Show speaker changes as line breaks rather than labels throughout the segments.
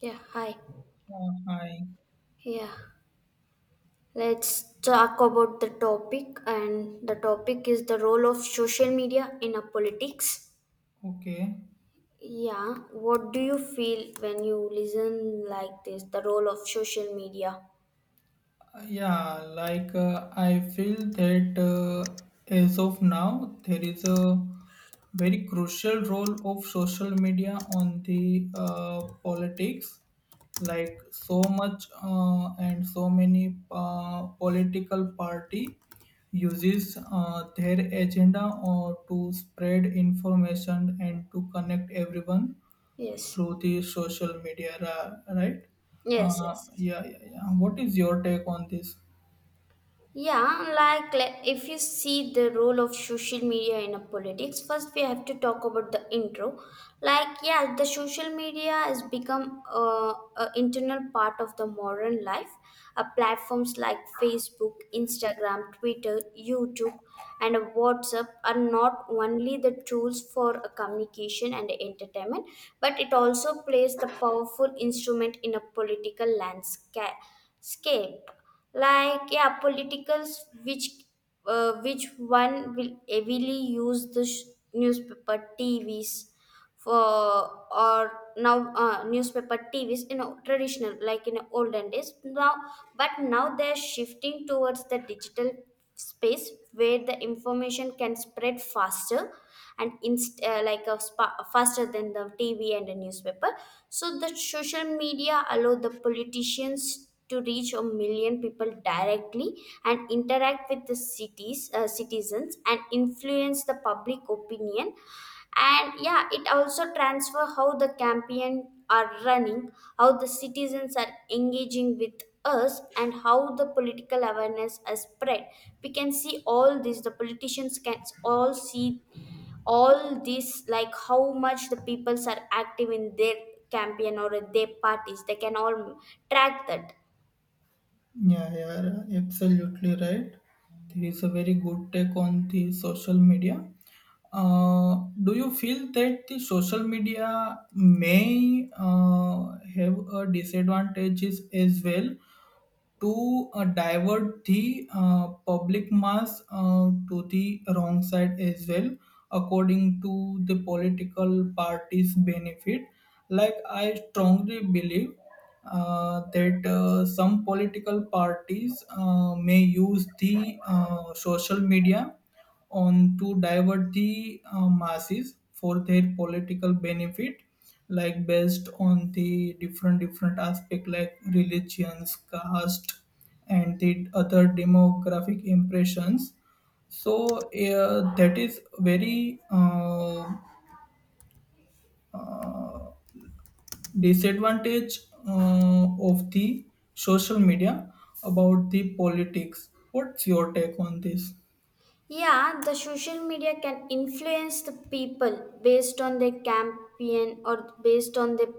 Yeah, hi.
Hi.
Yeah, let's talk about the topic, and the topic is the role of social media in a politics.
Okay.
Yeah, what do you feel when you listen like this? The role of social media.
Yeah, like I feel that as of now, there is a very crucial role of social media on the politics. Like so much and so many political party uses their agenda or to spread information and to connect everyone
Yes,
through the social media, right?
yes, yes, yes.
Yeah, yeah, yeah. What is your take on this?
Yeah, like if you see the role of social media in a politics, first we have to talk about the intro. Like, yeah, the social media has become a internal part of the modern life. Platforms like Facebook, Instagram, Twitter, YouTube and WhatsApp are not only the tools for a communication and entertainment, but it also plays the powerful instrument in a political landscape. Like yeah, politicals which one will heavily use the newspaper, TVs for or now, newspaper tvs, you know, traditional like in olden days now, but now they're shifting towards the digital space where the information can spread faster and faster than the tv and the newspaper. So the social media allow the politicians to reach a million people directly and interact with the cities citizens and influence the public opinion. And yeah, it also transfer how the campaign are running, how the citizens are engaging with us and how the political awareness is spread. We can see all this, the politicians can all see all this, like how much the peoples are active in their campaign or in their parties, they can all track that.
Yeah, yeah, absolutely right. There is a very good take on the social media. Do you feel that the social media may have a disadvantages as well to divert the public mass to the wrong side as well according to the political parties benefit? Like I strongly believe that some political parties may use the social media on to divert the masses for their political benefit, like based on the different different aspect like religions, caste and the other demographic impressions. So that is very disadvantage of the social media about the politics. What's your take on this?
Yeah, the social media can influence the people based on their campaign or based on the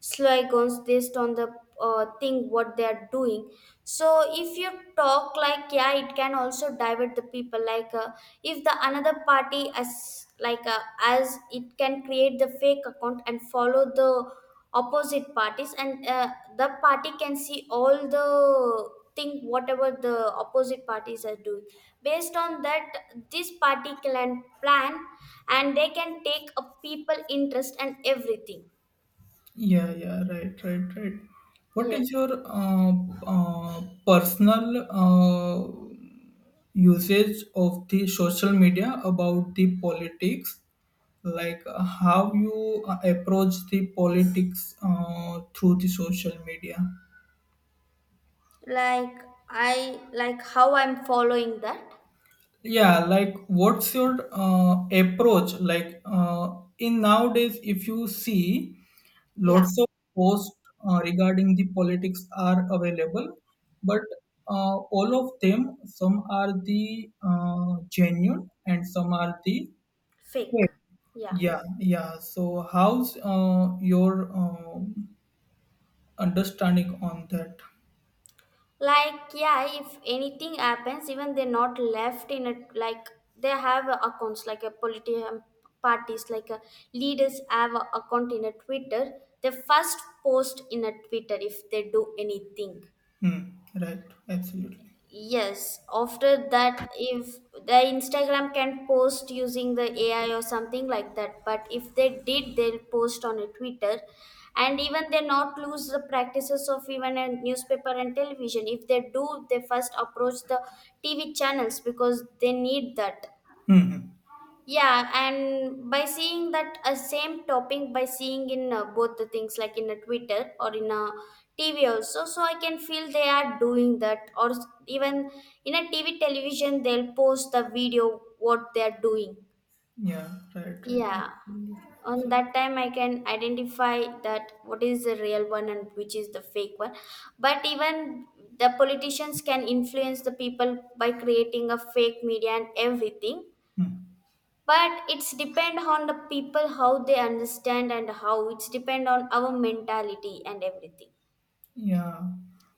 slogans, based on the thing what they are doing. So if you talk, like yeah, it can also divert the people. Like if the another party as like, as it can create the fake account and follow the opposite parties, and the party can see all the thing whatever the opposite parties are doing. Based on that, this party can plan, and they can take a people interest and everything.
Yeah, yeah, right, right, right. What is
Yes.
your uh, personal usage of the social media about the politics? Like how you approach the politics through the social media?
Like, I like how I'm following that.
Yeah, like what's your approach? Like in nowadays, if you see
Yeah.
lots of posts regarding the politics are available, but all of them, some are the genuine and some are the
Fake. Yeah.
yeah, yeah. So how's your understanding on that?
Like yeah, if anything happens, even they're not left in it. Like they have a accounts, like a political parties, like a leaders have a account in a twitter. They first post in a twitter if they do anything.
Hmm, right, absolutely.
Yes, after that, if the Instagram can post using the AI or something like that, but if they did, they'll post on a Twitter, and even they not lose the practices of even a newspaper and television. If they do, they first approach the TV channels because they need that.
Hmm, hmm.
Yeah, and by seeing that a same topic, by seeing in both the things, like in a Twitter or in a TV also, so I can feel they are doing that. Or even in a TV television they'll post the video what they are doing.
Yeah, right, right,
Yeah,
absolutely,
on
absolutely.
that time I can identify that what is the real one and which is the fake one. But even the politicians can influence the people by creating a fake media and everything,
Hmm.
but it's depend on the people how they understand and how it's depend on our mentality and everything.
Yeah.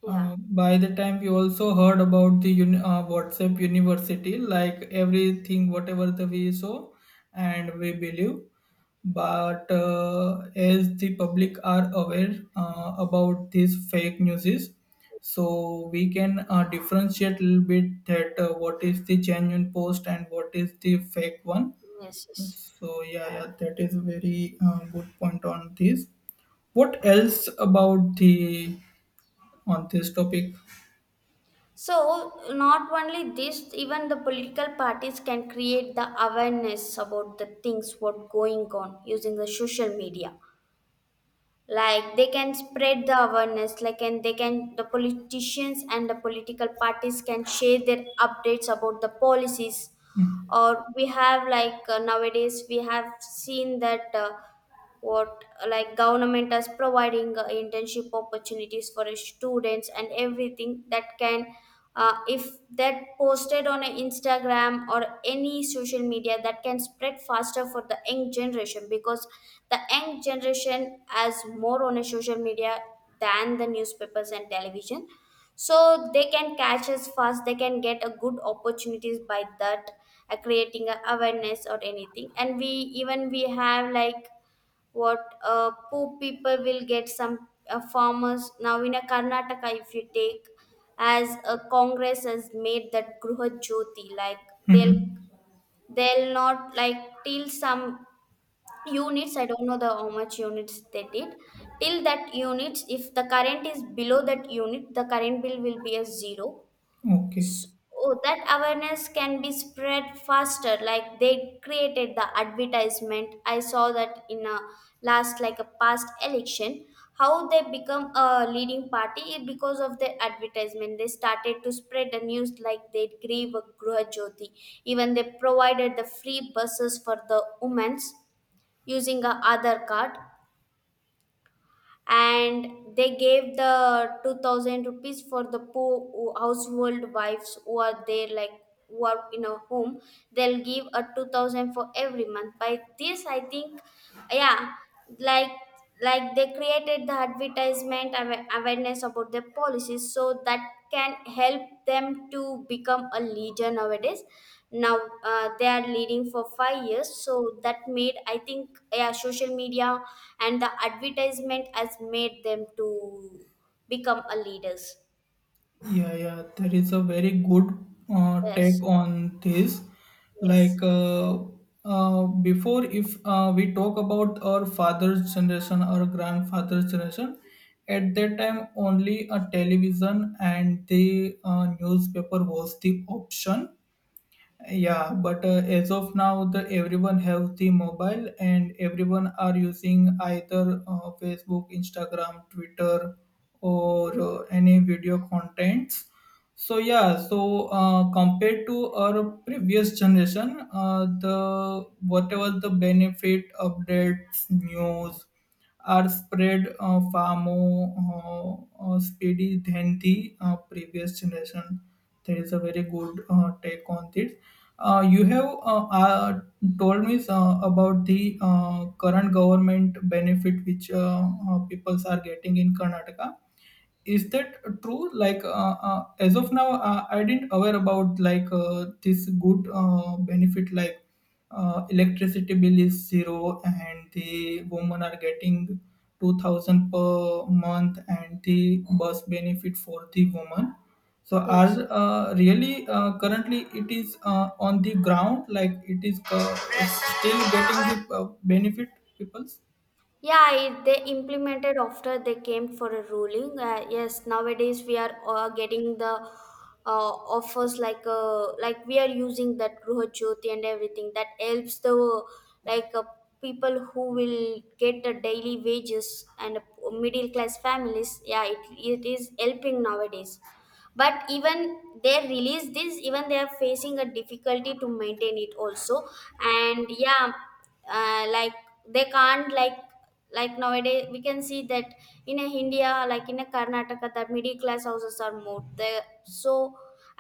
Yeah.
By the time we also heard about the WhatsApp University, like everything, whatever the we saw and we believe. But as the public are aware about these fake news, so we can differentiate a little bit that what is the genuine post and what is the fake one.
Yes, yes.
So yeah, yeah, that is a very good point on this. What else about the on this topic?
So not only this, even the political parties can create the awareness about the things what going on using the social media. Like they can spread the awareness like, and they can, the politicians and the political parties can share their updates about the policies. Or we have like, nowadays we have seen that what like government is providing internship opportunities for students and everything. That can, if that posted on a instagram or any social media, that can spread faster for the young generation because the young generation has more on a social media than the newspapers and television. So they can catch us fast, they can get a good opportunities by that, creating a awareness or anything. And we, even we have like, what poor people will get some, farmers now in a karnataka if you take, as a congress has made that gruha jyoti. Like they'll
Mhm.
they'll not like till some units, I don't know the how much units they did, till that units, if the current is below that unit, the current bill will be a zero.
Okay.
Oh, that awareness can be spread faster. Like they created the advertisement. I saw that in a last, like a past election, how they become a leading party is because of the advertisement. They started to spread the news, like they gave a Gruha Jyoti. Even they provided the free buses for the women's using a Aadhaar card, and they gave the 2000 rupees for the poor, household wives who are there, like who are in a home, they'll give a 2000 for every month by this, I think. Yeah. like like they created the advertisement awareness about their policies, so that can help them to become a leader nowadays. Now they are leading for 5 years, so that made, I think, yeah, social media and the advertisement has made them to become a leaders.
Yeah, yeah. That is a very good take
Yes.
on this. Like
Yes.
uh, before, if we talk about our father's generation or grandfather's generation, at that time only a television and the newspaper was the option. Yeah, but as of now, the everyone have the mobile and everyone are using either Facebook, Instagram, Twitter, or any video contents. So yeah, so compared to our previous generation, the whatever the benefit, updates, news, are spread far more speedy than the previous generation. That is a very good take on this. You have told me about the current government benefit which peoples are getting in Karnataka. Is that true, like as of now I didn't aware about like this good benefit like electricity bill is zero and the women are getting 2000 per month and the bus benefit for the woman? So
Yes.
are really currently it is on the ground, like it is still getting the benefit peoples?
Yeah, it, they implemented after they came for a ruling. Yes, nowadays we are getting the offers, like we are using that Gruha Jyoti and everything, that helps the, like people who will get the daily wages and middle class families. Yeah, it is helping nowadays, but even they release this, even they are facing a difficulty to maintain it also. And yeah, like they can't like nowadays we can see that in a india, like in a karnataka, the middle class houses are more there, so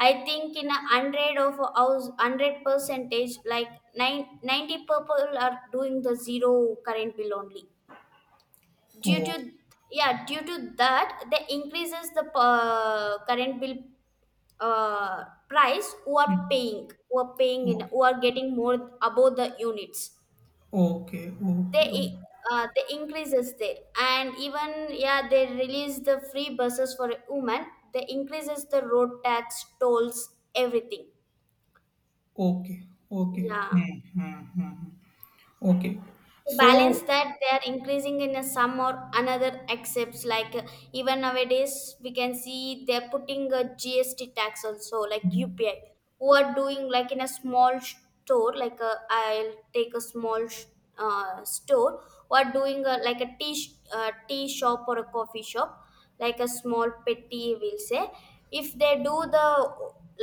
I think in a hundred of house, hundred percentage, like nine ninety people are doing the zero current bill only, due to,
Oh.
yeah, due to that they increases the current bill price. Who are
Hmm.
paying, who are paying in, who are getting more above the units,
Okay, okay,
they
okay,
i-
okay.
the increases there. And even yeah, they release the free buses for women, they increases the road tax tolls, everything.
Okay, okay.
Yeah,
Hmm, hmm, hmm, hmm. Okay.
to
So,
balance that, they are increasing in a some or another accepts, like even nowadays we can see they're putting a gst tax also, like
mhm.
upi, who are doing like in a small store, like a will take a small store, who are doing a, like a tea shop or a coffee shop, like a small petty we'll say. If they do the,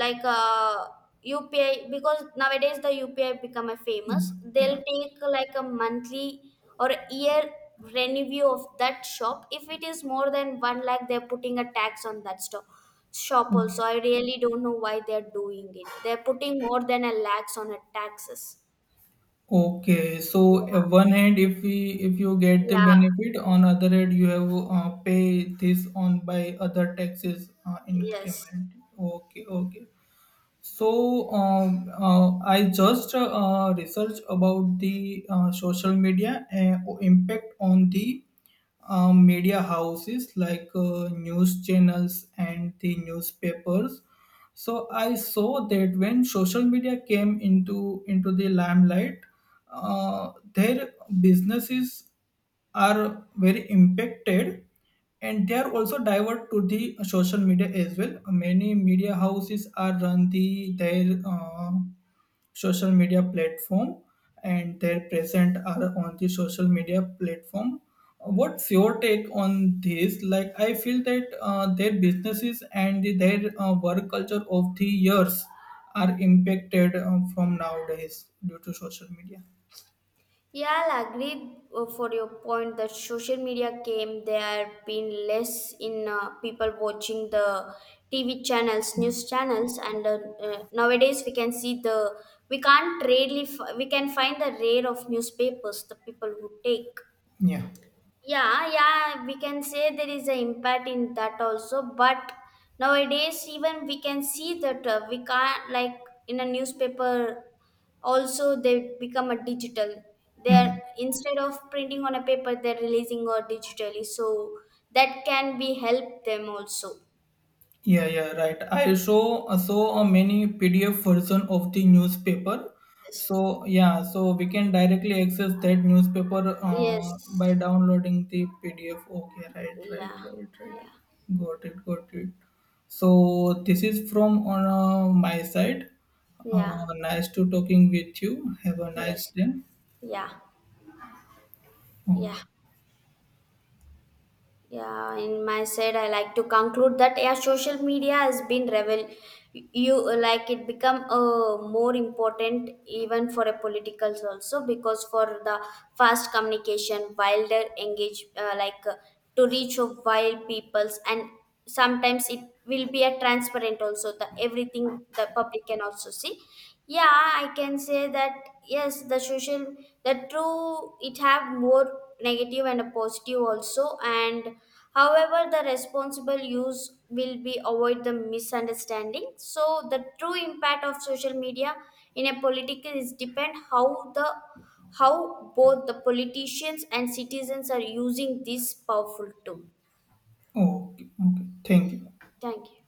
like upi, because nowadays the upi become a famous,
Yeah.
they'll take like a monthly or a year revenue of that shop. If it is more than one lakh, they're putting a tax on that store shop
Okay.
also. I really don't know why they're doing it, they're putting more than a lakhs on a taxes.
Okay. So,
Yeah.
one hand, if we if you get the
Yeah.
benefit, on other hand, you have pay this on by other taxes
Yes.
increment. Okay, okay. So I just researched about the social media impact on the media houses like news channels and the newspapers. So I saw that when social media came into the limelight, their businesses are very impacted and they are also divert to the social media as well. Many media houses are run the their social media platform and their present are on the social media platform. What's your take on this? Like I feel that their businesses and their work culture of the years are impacted from nowadays due to social media,
Yeah, I'll agree for your point that social media came. There have been less in people watching the TV channels, news channels, and nowadays we can see the, we can't really we can find the rare of newspapers, the people who take.
yeah.
Yeah, yeah, we can say there is an impact in that also. But nowadays even we can see that, we can't like, in a newspaper also they become a digital. They're instead of printing on a paper, they're releasing or digitally, so that can be help them also.
Yeah, yeah, right. I saw saw a many PDF version of the newspaper.
Yes.
So yeah, so we can directly access that newspaper by
Yes.
downloading the PDF. Okay, right, right,
Yeah.
right, right.
Yeah.
Got it, got it. So this is from on my side.
Yeah.
Nice to talking with you. Have a nice
Yes.
day.
Yeah.
Okay,
Yeah. Yeah, in my side, I like to conclude that yeah, social media has been revel you, like it become more important even for a politicals also, because for the fast communication, wilder engage, to reach of wild peoples. And sometimes it will be a transparent also, the everything the public can also see. Yeah, I can say that. Yes, the social, the true, it have more negative and a positive also. And however, the responsible use will be avoid the misunderstanding. So the true impact of social media in a political is depend how the, how both the politicians and citizens are using this powerful tool.
okay, okay. Thank you.
Thank you.